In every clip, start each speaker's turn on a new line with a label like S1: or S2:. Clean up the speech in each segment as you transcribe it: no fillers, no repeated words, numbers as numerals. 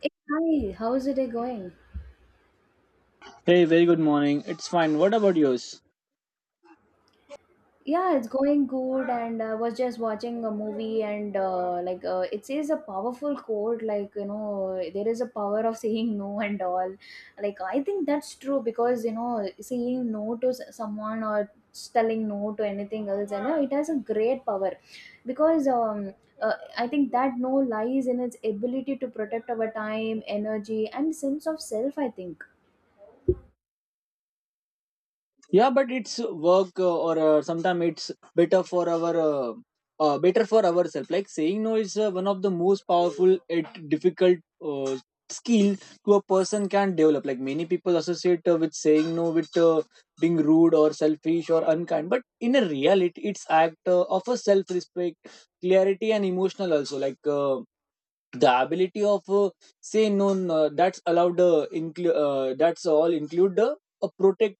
S1: Hey, hi, how is the day going?
S2: Hey, very good morning. It's fine. What about yours?
S1: Yeah, it's going good, and I was just watching a movie, and it says a powerful quote, like you know, there is a power of saying no and all. Like I think that's true because you know, saying no to someone or telling no to anything else, you know, it has a great power because I think that no lies in its ability to protect our time, energy, and sense of self. I think.
S2: Yeah, but it's work or sometimes it's better for our better for ourselves, like saying no is one of the most powerful and difficult uh, skill to a person can develop. Like many people associate with saying no with being rude or selfish or unkind, but in a reality it's act of a self respect, clarity and emotional also. Like the ability of say no, no that's allowed, that's all include the a protect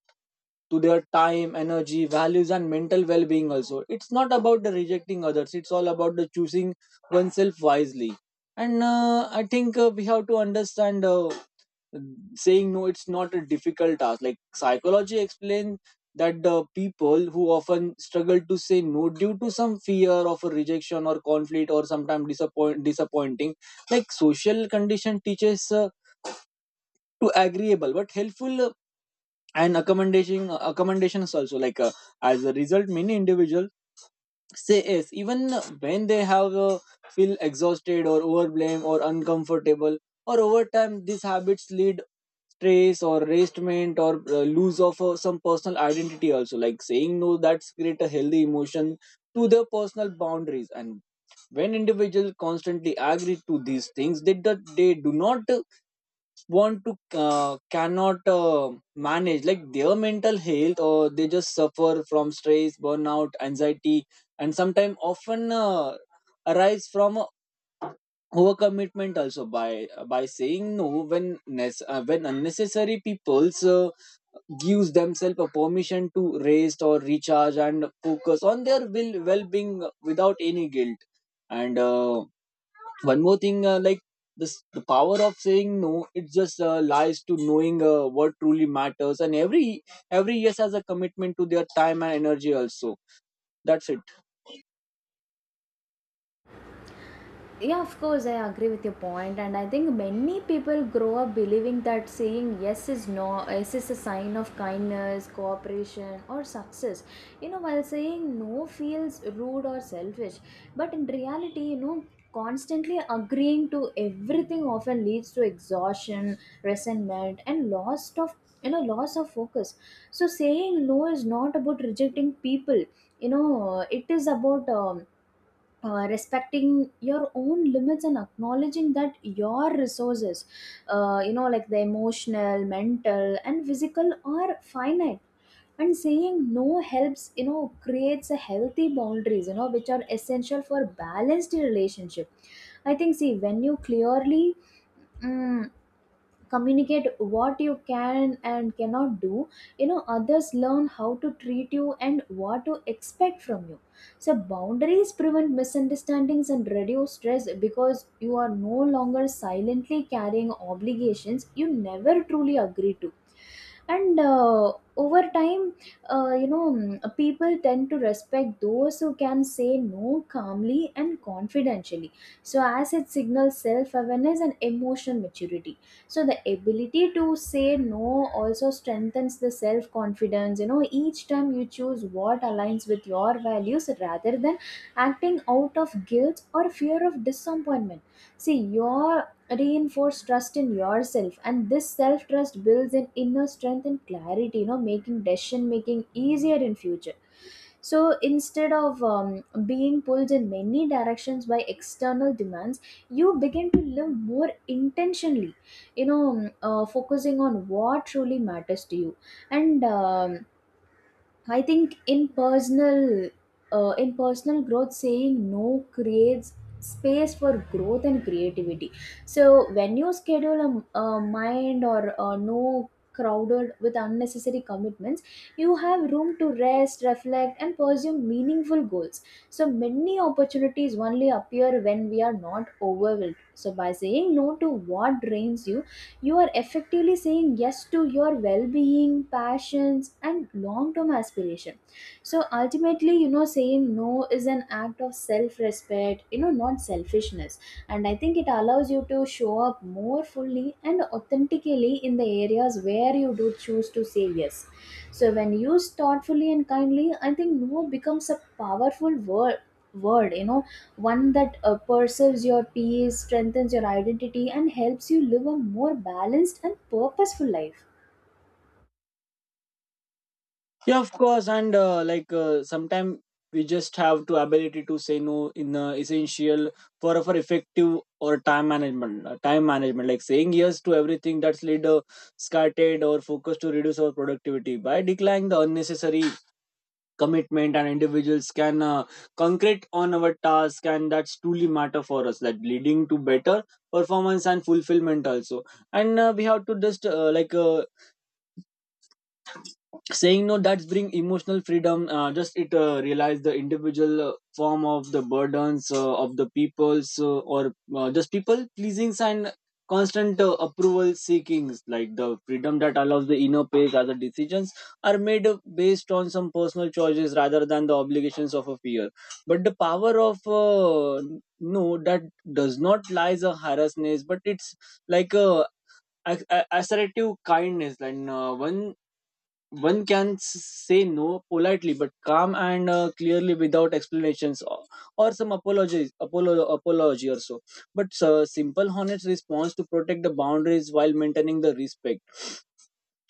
S2: to their time, energy, values and mental well-being. Also it's not about the rejecting others, it's all about the choosing oneself wisely. And I think we have to understand saying no it's not a difficult task. Like psychology explains that the people who often struggle to say no due to some fear of a rejection or conflict or sometimes disappointing. Like social condition teaches to agreeable but helpful and accommodations also. Like as a result, many individuals say yes even when they have feel exhausted or overblame or uncomfortable, or over time these habits lead stress or restraint or lose of some personal identity also. Like saying no that's create a healthy emotion to their personal boundaries. And when individuals constantly agree to these things, they, they do not want to cannot manage like their mental health, or they just suffer from stress, burnout, anxiety. And sometimes often arise from overcommitment also. By saying no when when unnecessary, people's gives themselves a permission to rest or recharge and focus on their will well-being without any guilt. And one more thing, like this the power of saying no, it just lies to knowing what truly matters. And every yes has a commitment to their time and energy also. That's it.
S1: Yeah, of course, I agree with your point, and I think many people grow up believing that saying yes is no yes is a sign of kindness, cooperation, or success, you know, while saying no feels rude or selfish. But in reality, you know, constantly agreeing to everything often leads to exhaustion, resentment, and loss of, you know, loss of focus. So saying no is not about rejecting people. You know, it is about respecting your own limits and acknowledging that your resources, you know, like the emotional, mental, and physical, are finite. And saying no helps, you know, creates a healthy boundaries, you know, which are essential for balanced relationship. I think, see, when you clearly mm, communicate what you can and cannot do, you know, others learn how to treat you and what to expect from you. So boundaries prevent misunderstandings and reduce stress because you are no longer silently carrying obligations you never truly agree to. And over time, you know, people tend to respect those who can say no calmly and confidentially, so as it signals self-awareness and emotional maturity. So the ability to say no also strengthens the self-confidence. You know, each time you choose what aligns with your values rather than acting out of guilt or fear of disappointment, see, your reinforce trust in yourself, and this self trust builds an inner strength and clarity, you know, making decision making easier in future. So instead of being pulled in many directions by external demands, you begin to live more intentionally, you know, focusing on what truly matters to you. And I think in personal growth, saying no creates space for growth and creativity. So when you schedule a mind or a no crowded with unnecessary commitments, you have room to rest, reflect, and pursue meaningful goals. So many opportunities only appear when we are not overwhelmed. So by saying no to what drains you, you are effectively saying yes to your well being, passions, and long term aspiration. So ultimately, you know, saying no is an act of self respect, you know, not selfishness. And I think it allows you to show up more fully and authentically in the areas where you do choose to say yes. So when used thoughtfully and kindly, I think no becomes a powerful word, you know, one that preserves your peace, strengthens your identity, and helps you live a more balanced and purposeful life.
S2: Yeah, of course. And like sometimes we just have to ability to say no in essential for effective or time management, time management. Like saying yes to everything that's lead scattered or focused to reduce our productivity by declining the unnecessary commitment, and individuals can concrete on our task and that's truly matter for us, that leading to better performance and fulfillment also. And we have to just like saying no that's bring emotional freedom. Just it realize the individual form of the burdens of the people's or just people pleasings and constant approval seekings, like the freedom that allows the inner pace as the decisions are made based on some personal choices rather than the obligations of a fear. But the power of no, that does not lies a harassness, but it's like a assertive kindness. And one can say no politely but calm and clearly without explanations or some apology or so. But simple honest response to protect the boundaries while maintaining the respect.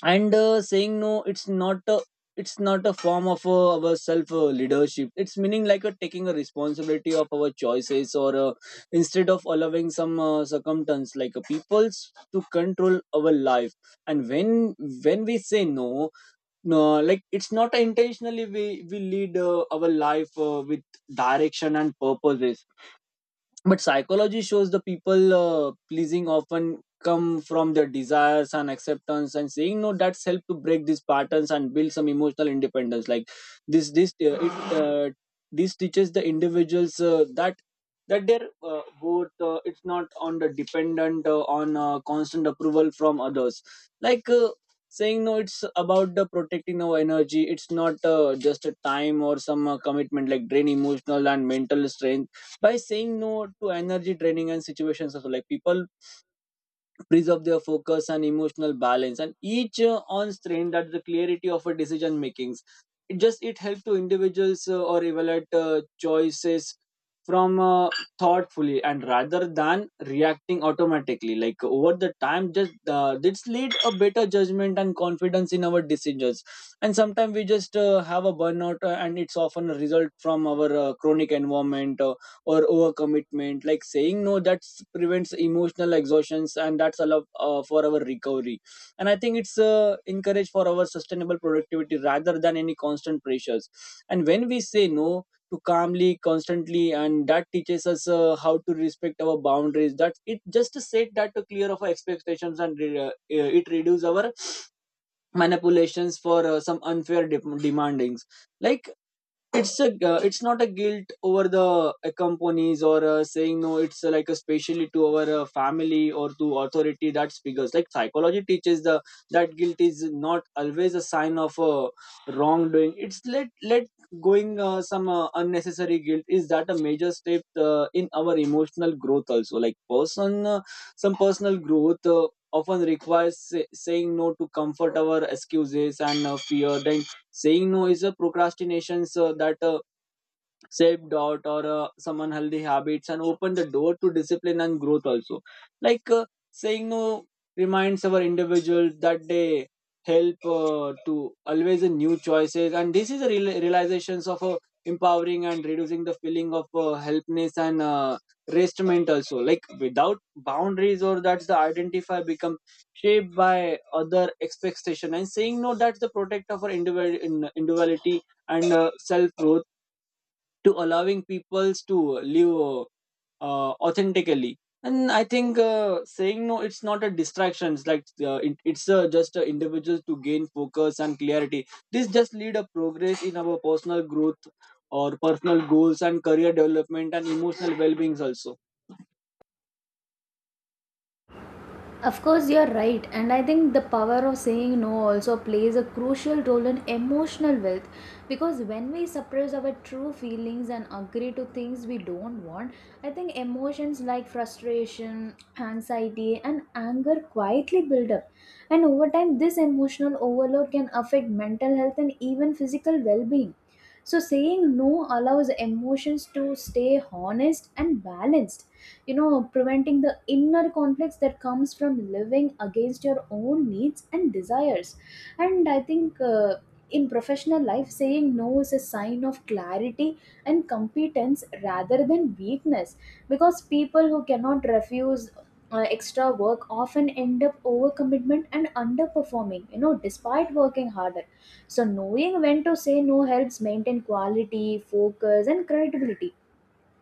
S2: And saying no it's not a form of our self leadership. It's meaning like a taking a responsibility of our choices, or instead of allowing some circumstance like a peoples to control our life. And when we say no, no, like it's not intentionally we lead our life with direction and purposes. But psychology shows the people pleasing often come from their desires and acceptance, and saying no that's help to break these patterns and build some emotional independence. Like this this uh, it uh, this teaches the individuals that that they're both it's not on the dependent on constant approval from others. Like saying no it's about the protecting our energy, it's not just a time or some commitment like drain emotional and mental strength. By saying no to energy draining and situations also, like people preserve their focus and emotional balance and each on strain that the clarity of a decision makings. It just it helps to individuals or evaluate choices from thoughtfully and rather than reacting automatically. Like over the time just this lead a better judgment and confidence in our decisions. And sometimes we just have a burnout, and it's often a result from our chronic environment, or overcommitment. Like saying no that prevents emotional exhaustions and that's allow for our recovery. And I think it's encourage for our sustainable productivity rather than any constant pressures. And when we say no to calmly constantly, and that teaches us how to respect our boundaries, that it just set that to clear of our expectations. And it reduces our manipulations for some unfair demandings. Like it's a it's not a guilt over the companies or saying no. It's like especially to our family or to authority. That's because like psychology teaches the that guilt is not always a sign of wrongdoing. It's let going some unnecessary guilt. Is that a major step in our emotional growth also? Like person, some personal growth often requires saying no to comfort our excuses and fear. Then saying no is a procrastination, that self doubt or some unhealthy habits, and open the door to discipline and growth also. Like saying no reminds our individuals that they help to always in new choices. And this is a realizations of empowering and reducing the feeling of helpness and restraint also. Like without boundaries or that's the identify become shaped by other expectation. And saying no that's the protect of our individuality and self growth, to allowing peoples to live authentically. And I think saying no it's not a distraction. It's like it, it's just individuals to gain focus and clarity. This just lead a progress in our personal growth or personal goals and career development and emotional well-beings also.
S1: Of course, you're right, and I think the power of saying no also plays a crucial role in emotional wealth because when we suppress our true feelings and agree to things we don't want, I think emotions like frustration, anxiety, and anger quietly build up. And over time, this emotional overload can affect mental health and even physical well being. So, saying no allows emotions to stay honest and balanced, you know, preventing the inner conflicts that comes from living against your own needs and desires. And I think, in professional life, saying no is a sign of clarity and competence rather than weakness, because people who cannot refuse extra work often end up overcommitment and underperforming, you know, despite working harder. So knowing when to say no helps maintain quality, focus, and credibility.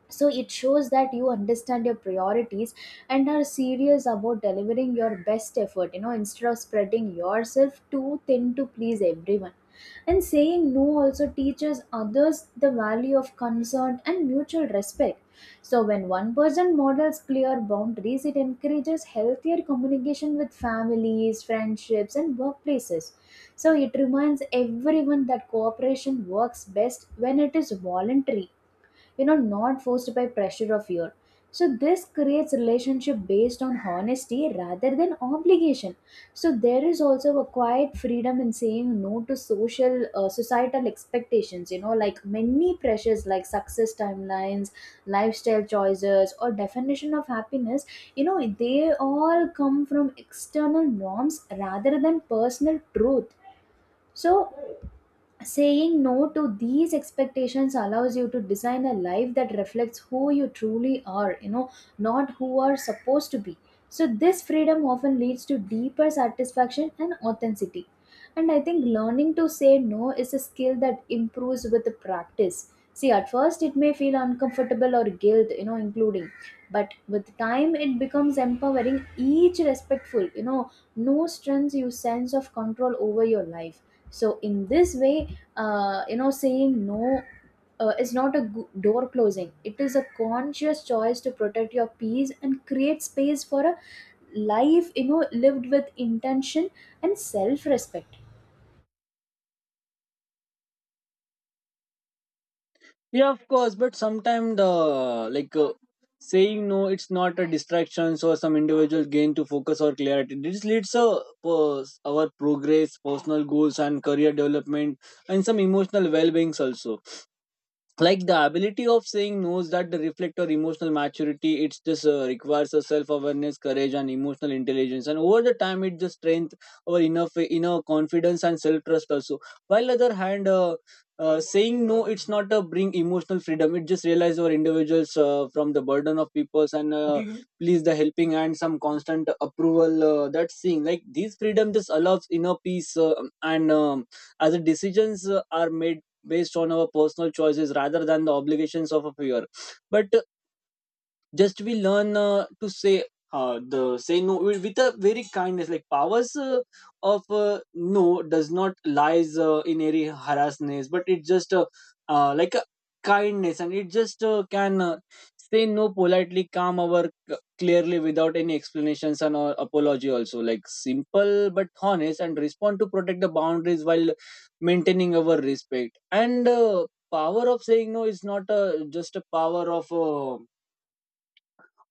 S1: So it shows that you understand your priorities and are serious about delivering your best effort, you know, instead of spreading yourself too thin to please everyone. And saying no also teaches others the value of concern and mutual respect. So when one person models clear boundaries, it encourages healthier communication with families, friendships, and workplaces. So it reminds everyone that cooperation works best when it is voluntary, you know, not forced by pressure of fear. So this creates relationship based on honesty rather than obligation. So there is also a quiet freedom in saying no to social societal expectations, you know, like many pressures like success timelines, lifestyle choices, or definition of happiness, you know, they all come from external norms rather than personal truth. So saying no to these expectations allows you to design a life that reflects who you truly are, you know, not who are supposed to be. So, this freedom often leads to deeper satisfaction and authenticity. And I think learning to say no is a skill that improves with the practice. See, at first it may feel uncomfortable or guilt, you know, including, but with time it becomes empowering. Each respectful, you know, no strengths you sense of control over your life. So in this way, you know, saying no is not a door closing. It is a conscious choice to protect your peace and create space for a life, you know, lived with intention and self respect.
S2: Yeah, of course. But sometimes the like saying no it's not a distraction, so some individuals gain to focus or clarity, this leads to our progress, personal goals and career development, and some emotional well-beings also. Like the ability of saying no's that the reflect or emotional maturity, it's just requires a self-awareness, courage and emotional intelligence. And over the time, it just strength our enough inner confidence and self-trust also. While other hand, saying no it's not a bring emotional freedom, it just realize our individuals from the burden of peoples and please the helping hand some constant approval that thing, like these freedom just allows inner peace, and as the decisions are made based on our personal choices rather than the obligations of a peer. But just we learn to say the say no with a very kindness. Like powers of no does not lies in any harassness, but it just like a kindness. And it just can say no politely calm our clearly without any explanations and or apology also. Like simple but honest and respond to protect the boundaries while maintaining our respect. And power of saying no is not just a power of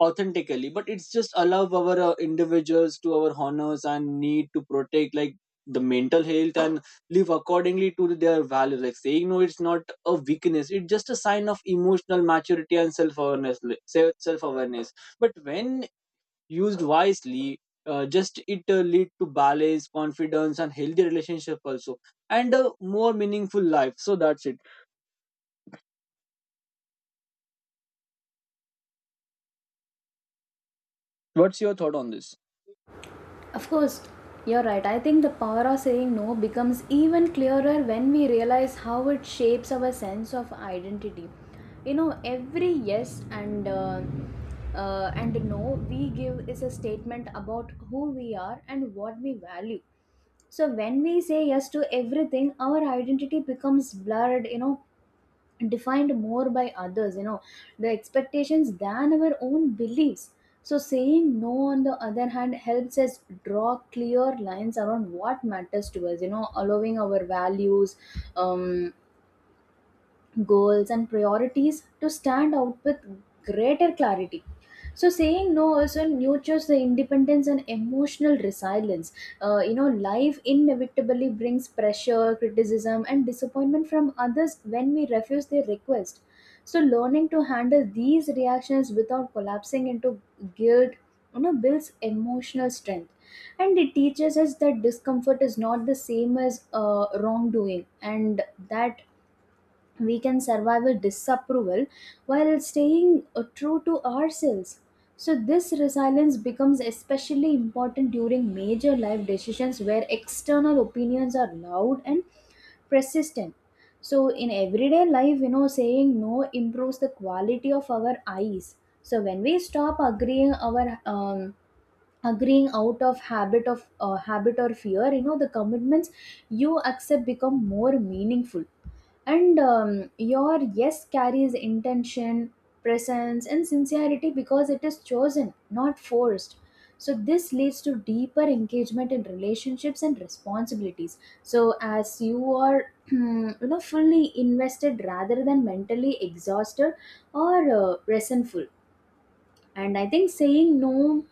S2: authentically, but it's just allow our individuals to our honors and need to protect like the mental health and live accordingly to their values. Like saying no it's not a weakness, it's just a sign of emotional maturity and self-awareness. But when used wisely, just it lead to balance confidence and healthy relationship also, and a more meaningful life. So that's it. What's your thought on this?
S1: Of course, you're right. I think the power of saying no becomes even clearer when we realize how it shapes our sense of identity. You know, every yes and no we give is a statement about who we are and what we value. So when we say yes to everything, our identity becomes blurred. You know, defined more by others, you know, the expectations than our own beliefs. So saying no on the other hand helps us draw clear lines around what matters to us, you know, allowing our values, um, goals, and priorities to stand out with greater clarity. So, saying no also nurtures the independence and emotional resilience. You know, life inevitably brings pressure, criticism, and disappointment from others when we refuse their request. So, learning to handle these reactions without collapsing into guilt, you know, builds emotional strength, and it teaches us that discomfort is not the same as wrongdoing, and that we can survive a disapproval while staying true to ourselves. So, this resilience becomes especially important during major life decisions where external opinions are loud and persistent. So, in everyday life, you know, saying no improves the quality of our eyes. So, when we stop agreeing our agreeing out of habit or fear, you know, the commitments you accept become more meaningful, and your yes carries intention, presence, and sincerity because it is chosen, not forced. So this leads to deeper engagement in relationships and responsibilities, so as you are you know, fully invested rather than mentally exhausted or resentful. And I think saying no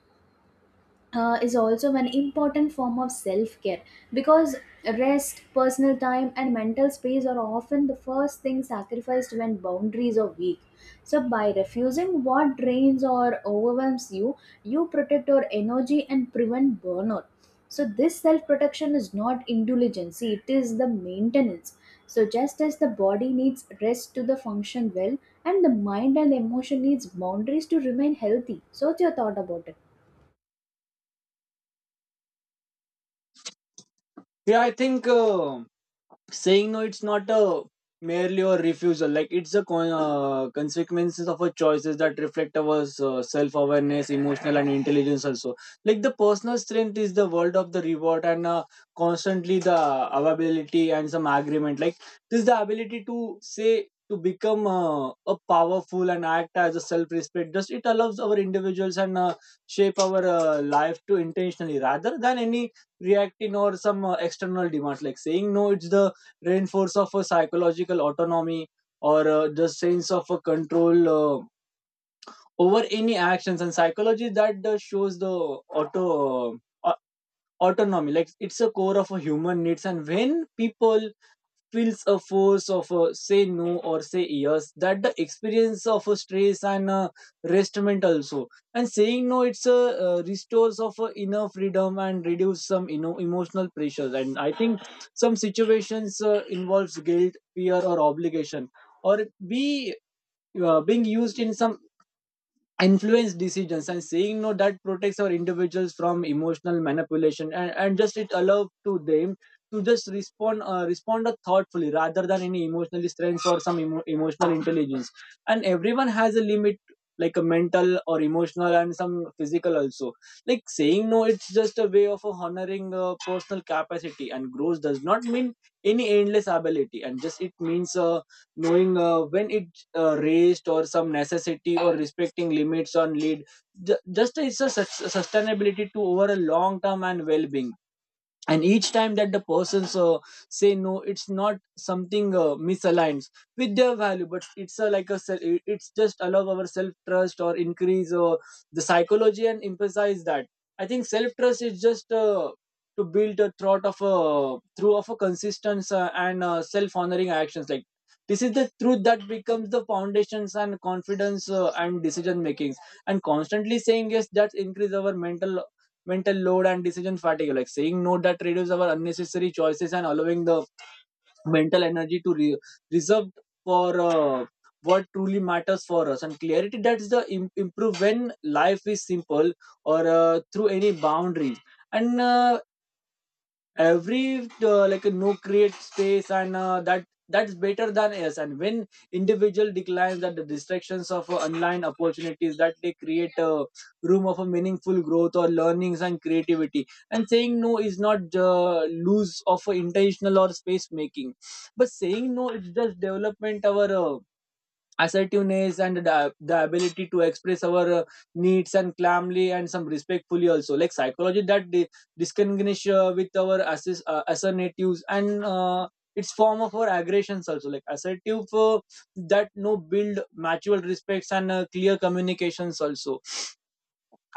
S1: is also an important form of self care, because rest, personal time, and mental space are often the first thing sacrificed when boundaries are weak. So, by refusing what drains or overwhelms you, you protect your energy and prevent burnout. So, this self protection is not indulgence, it is the maintenance. So, just as the body needs rest to the function well, and the mind and emotion needs boundaries to remain healthy. So, what's your thought about it?
S2: Yeah, I think saying no it's not a merely a refusal. Like it's a consequences of our choices that reflect our self-awareness, emotional and intelligence also. Like the personal strength is the world of the reward. And constantly the availability and some agreement, like this is the ability to say, to become a powerful and act as a self-respect. Just it allows our individuals and shape our life to intentionally rather than any reacting or some external demands. Like saying no it's the reinforce of a psychological autonomy or the sense of a control over any actions. And psychology that shows the auto uh, autonomy, like it's a core of a human needs. And when people feels a force of a say no or say yes, that the experience of a stress and restment also. And saying no it's a restores of inner Freedom and reduce some emotional pressures. And I think some situations involves guilt, fear, or obligation, or be being used in some influence decisions. And saying no, that protects our individuals from emotional manipulation, and just it allows to them to just respond thoughtfully rather than any emotional strength or some emotional intelligence. And everyone has a limit, like a mental or emotional and some physical also. Like saying no, it's just a way of honoring personal capacity, and growth does not mean any endless ability. And just it means knowing when it raised or some necessity, or respecting limits on lead. Just it's a sustainability to over a long term and well-being. And each time that the persons say no, it's not something misaligned with their value, but it's a, like a it's just allow our self trust or increase the psychology and emphasize that. I think self trust is just to build a thought of a through of a consistent and self honoring actions. Like this is the truth that becomes the foundations and confidence and decision makings. And constantly saying yes, that increase our mental load and decision fatigue. Like saying no, that reduces our unnecessary choices and allowing the mental energy to reserve for what truly matters for us. And clarity, that's the improve when life is simple or through any boundaries. And every like a no create space, and that's better than us. And when individual declines at the distractions of online opportunities, that they create a room of a meaningful growth or learnings and creativity. And saying no is not lose of intentional or space making, but saying no, it's just development our assertiveness and the ability to express our needs and calmly and some respectfully also. Like psychology that discriminates with our assertives and its form of our aggressions also. Like assertive that no build mutual respects and clear communications also.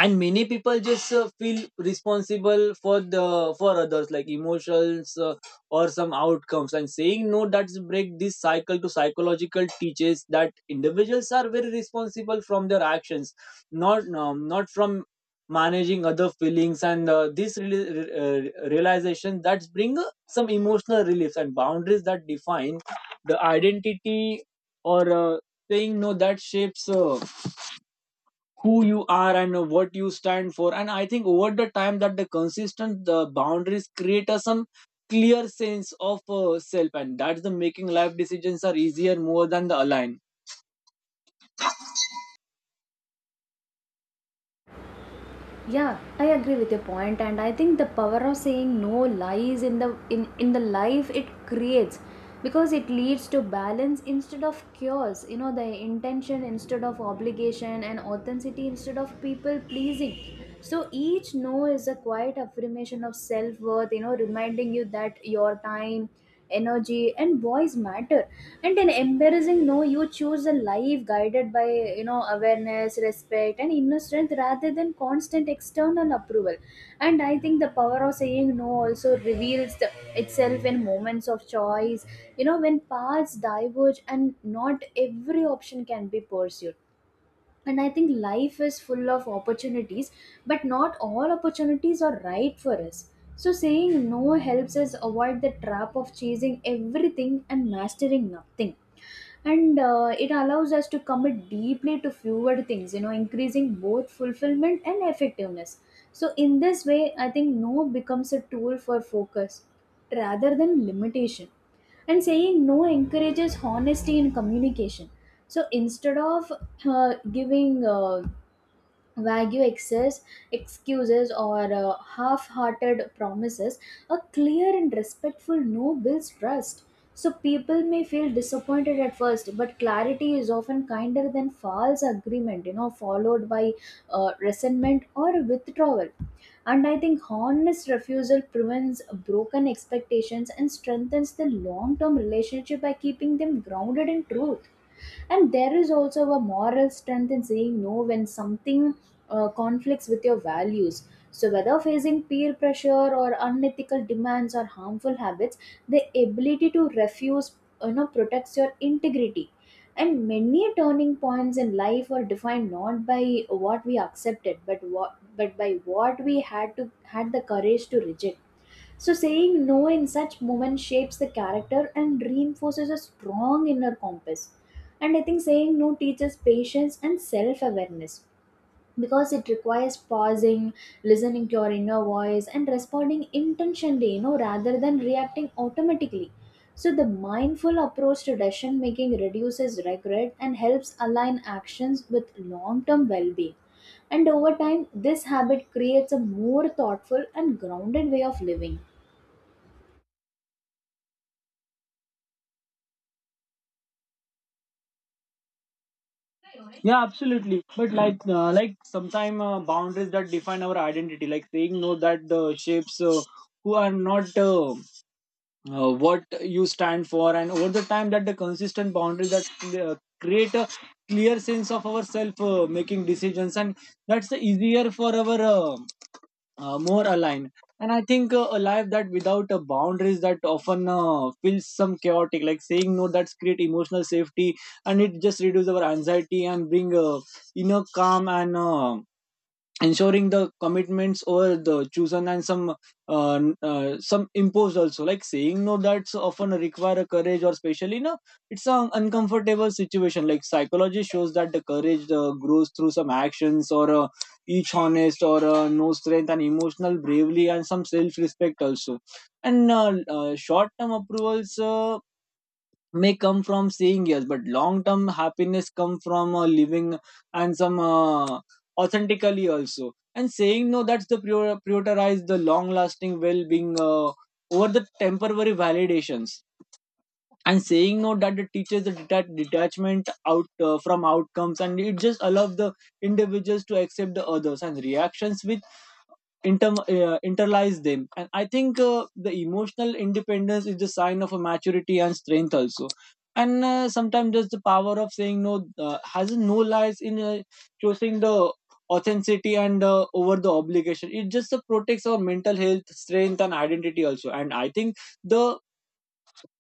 S2: And many people just feel responsible for the for others like emotions or some outcomes, and saying no, that's break this cycle to psychological teaches that individuals are very responsible from their actions, not not from managing other feelings. And this realization that's bring some emotional reliefs. And boundaries that define the identity, or saying no that shapes who you are and what you stand for. And I think over the time that the consistent the boundaries create a some clear sense of self, and that's the making life decisions are easier more than the align.
S1: Yeah, I agree with your point, and I think the power of saying no lies in the life it creates, because it leads to balance instead of chaos, you know, the intention instead of obligation, and authenticity instead of people pleasing. So each no is a quiet affirmation of self-worth, you know, reminding you that your time, energy, and voice matter. And in embarrassing no, you choose a life guided by, you know, awareness, respect, and inner strength rather than constant external approval. And I think the power of saying no also reveals itself in moments of choice, you know, when paths diverge and not every option can be pursued. And I think life is full of opportunities, but not all opportunities are right for us. So saying no helps us avoid the trap of chasing everything and mastering nothing. And it allows us to commit deeply to fewer things, you know, increasing both fulfillment and effectiveness. So in this way, I think no becomes a tool for focus rather than limitation. And saying no encourages honesty in communication. So instead of giving Wagyu excess, excuses or half-hearted promises, a clear and respectful no builds trust. So people may feel disappointed at first, but clarity is often kinder than false agreement, you know, followed by resentment or withdrawal. And I think honest refusal prevents broken expectations and strengthens the long-term relationship by keeping them grounded in truth, and there is also a moral strength in saying no when something conflicts with your values. So whether facing peer pressure or unethical demands or harmful habits, the ability to refuse, you know, protects your integrity. And many turning points in life are defined not by what we accepted, but by what we had the courage to reject. So, saying no in such moments shapes the character and reinforces a strong inner compass. And I think saying no teaches patience and self awareness because it requires pausing, listening to your inner voice, and responding intentionally, you know, rather than reacting automatically. So, the mindful approach to decision making reduces regret and helps align actions with long term well being. And over time, this habit creates a more thoughtful and grounded way of living.
S2: Yeah, absolutely, but like sometime boundaries that define our identity, like saying no that shapes who are not what you stand for. And over the time that the consistent boundary that uh, create a clear sense of ourself making decisions, and that's the easier for our more aligned. And I think a life that without boundaries that often feels some chaotic. Like saying no, that's create emotional safety, and it just reduce our anxiety and bring inner calm. And ensuring the commitments or the chosen and some some imposed also. Like saying no that's often require a courage, or especially no it's an uncomfortable situation. Like psychology shows that the courage grows through some actions or each honest or no strength and emotional bravery and some self-respect also. And short-term approvals may come from saying yes, but long term happiness come from living and some authentically also. And saying no that's the prioritize the long lasting well being over the temporary validations. And saying no, that it teaches the detachment out from outcomes, and it just allows the individuals to accept the others and reactions which internalize them. And I think the emotional independence is the sign of a maturity and strength also. And sometimes just the power of saying no has no lies in choosing the authenticity and over the obligation. It just protects our mental health strength and identity also. And I think the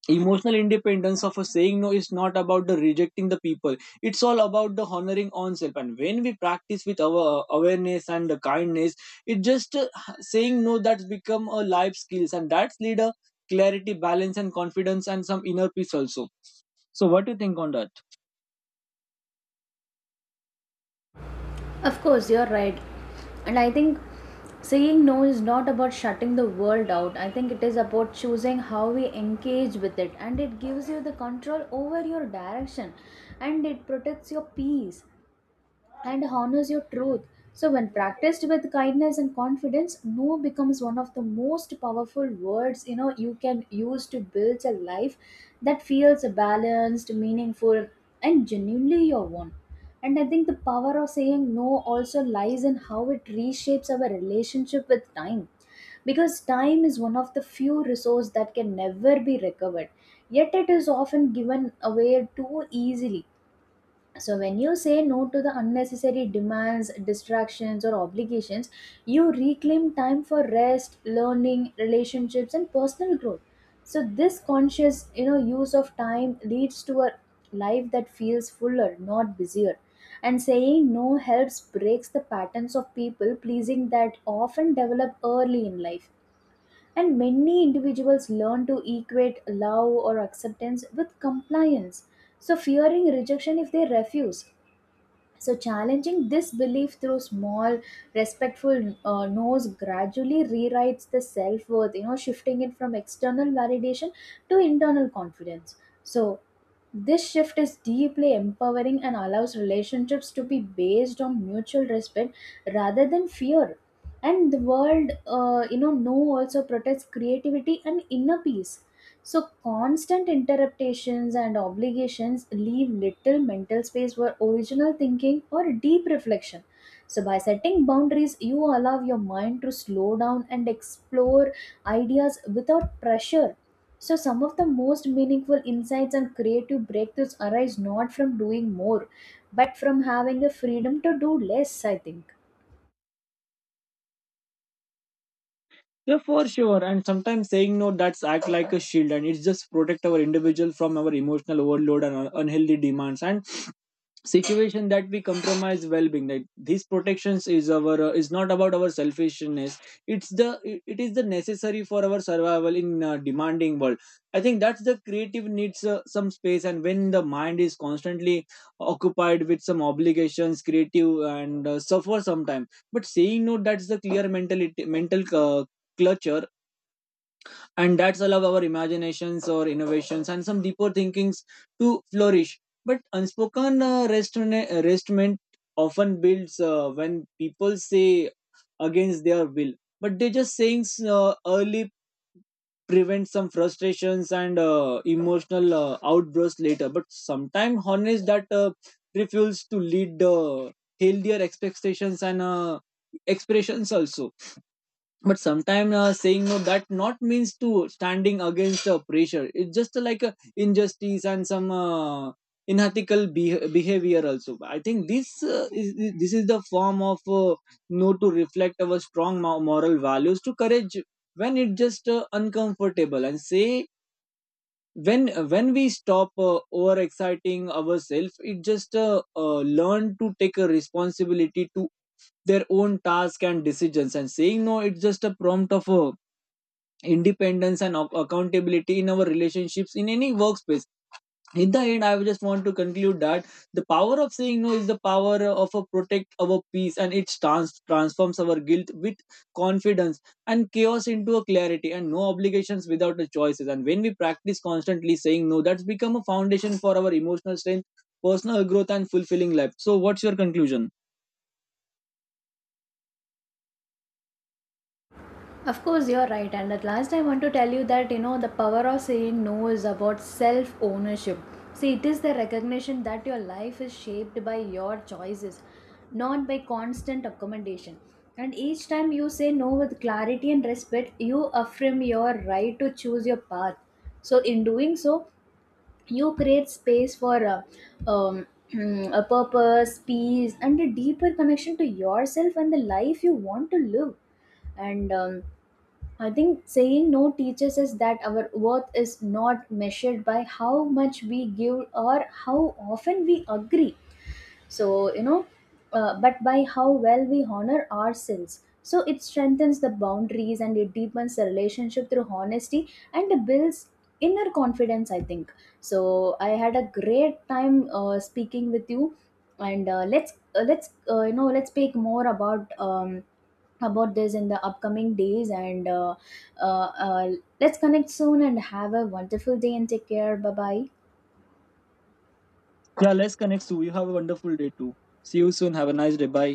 S2: emotional independence of a saying no is not about the rejecting the people, it's all about the honoring on self. And when we practice with our awareness and the kindness, it just saying no that's become a life skills, and that's lead a clarity, balance, and confidence and some inner peace also. So what do you think on that?
S1: Of course, you're right. And I think saying no is not about shutting the world out. I think it is about choosing how we engage with it. And it gives you the control over your direction, and it protects your peace and honors your truth. So, when practiced with kindness and confidence, no becomes one of the most powerful words, you know, you can use to build a life that feels balanced, meaningful, and genuinely your own. And I think the power of saying no also lies in how it reshapes our relationship with time, because time is one of the few resource that can never be recovered, yet it is often given away too easily. So, when you say no to the unnecessary demands, distractions, or obligations, you reclaim time for rest, learning, relationships, and personal growth. So, this conscious you know, use of time leads to a life that feels fuller, not busier. And saying no helps breaks the patterns of people pleasing that often develop early in life. And many individuals learn to equate love or acceptance with compliance. So, fearing rejection if they refuse, so, challenging this belief through small, respectful no's gradually rewrites the self worth, you know, shifting it from external validation to internal confidence. So, this shift is deeply empowering and allows relationships to be based on mutual respect rather than fear. And the world, no also protects creativity and inner peace. So, constant interruptions and obligations leave little mental space for original thinking or deep reflection. So, by setting boundaries, you allow your mind to slow down and explore ideas without pressure. So, some of the most meaningful insights and creative breakthroughs arise not from doing more, but from having the freedom to do less, I think.
S2: Yeah, for sure. And sometimes saying no, that's act like a shield, and it's just protect our individual from our emotional overload and unhealthy demands and situation that we compromise well-being, that these protections is our is not about our selfishness. It's the, it is the necessary for our survival in demanding world. I think that's the creative needs some space, and when the mind is constantly occupied with some obligations, creative and suffer sometime. But saying no, that's the clear mentality mental clutter, and that's allow our imaginations or innovations and some deeper thinkings to flourish. But unspoken restraint often builds when people say against their will, but they just saying early prevent some frustrations and emotional outbursts later. But sometimes honest that refuels to lead healthier expectations and expressions also. But sometimes saying no that not means to standing against the pressure, it's just like a injustice and some unethical behavior also. I think this is this is the form of no to reflect our strong moral values to courage when it just uncomfortable. And say when when we stop over exciting ourselves, it just learn to take a responsibility to their own task and decisions. And saying no, it's just a prompt of a independence and accountability in our relationships in any workspace. In the end, I just want to conclude that the power of saying no is the power of a protect our peace, and it transforms our guilt with confidence, and chaos into a clarity, and no obligations without the choices. And when we practice constantly saying no, that's become a foundation for our emotional strength, personal growth, and fulfilling life. So what's your conclusion?
S1: Of course, you're right. And at last, I want to tell you that you know the power of saying no is about self ownership. See, it is the recognition that your life is shaped by your choices, not by constant accommodation. And each time you say no with clarity and respect, you affirm your right to choose your path. So, in doing so, you create space for um, a purpose, peace, and a deeper connection to yourself and the life you want to live. And I think saying no teaches us that our worth is not measured by how much we give or how often we agree. So, you know, but by how well we honor ourselves. So, it strengthens the boundaries, and it deepens the relationship through honesty, and it builds inner confidence, I think. So, I had a great time speaking with you, and let's you know, let's speak more about this in the upcoming days, and uh, uh, let's connect soon and have a wonderful day and take care, bye bye.
S2: Yeah, let's connect sue, you have a wonderful day too. See you soon, have a nice day. Bye.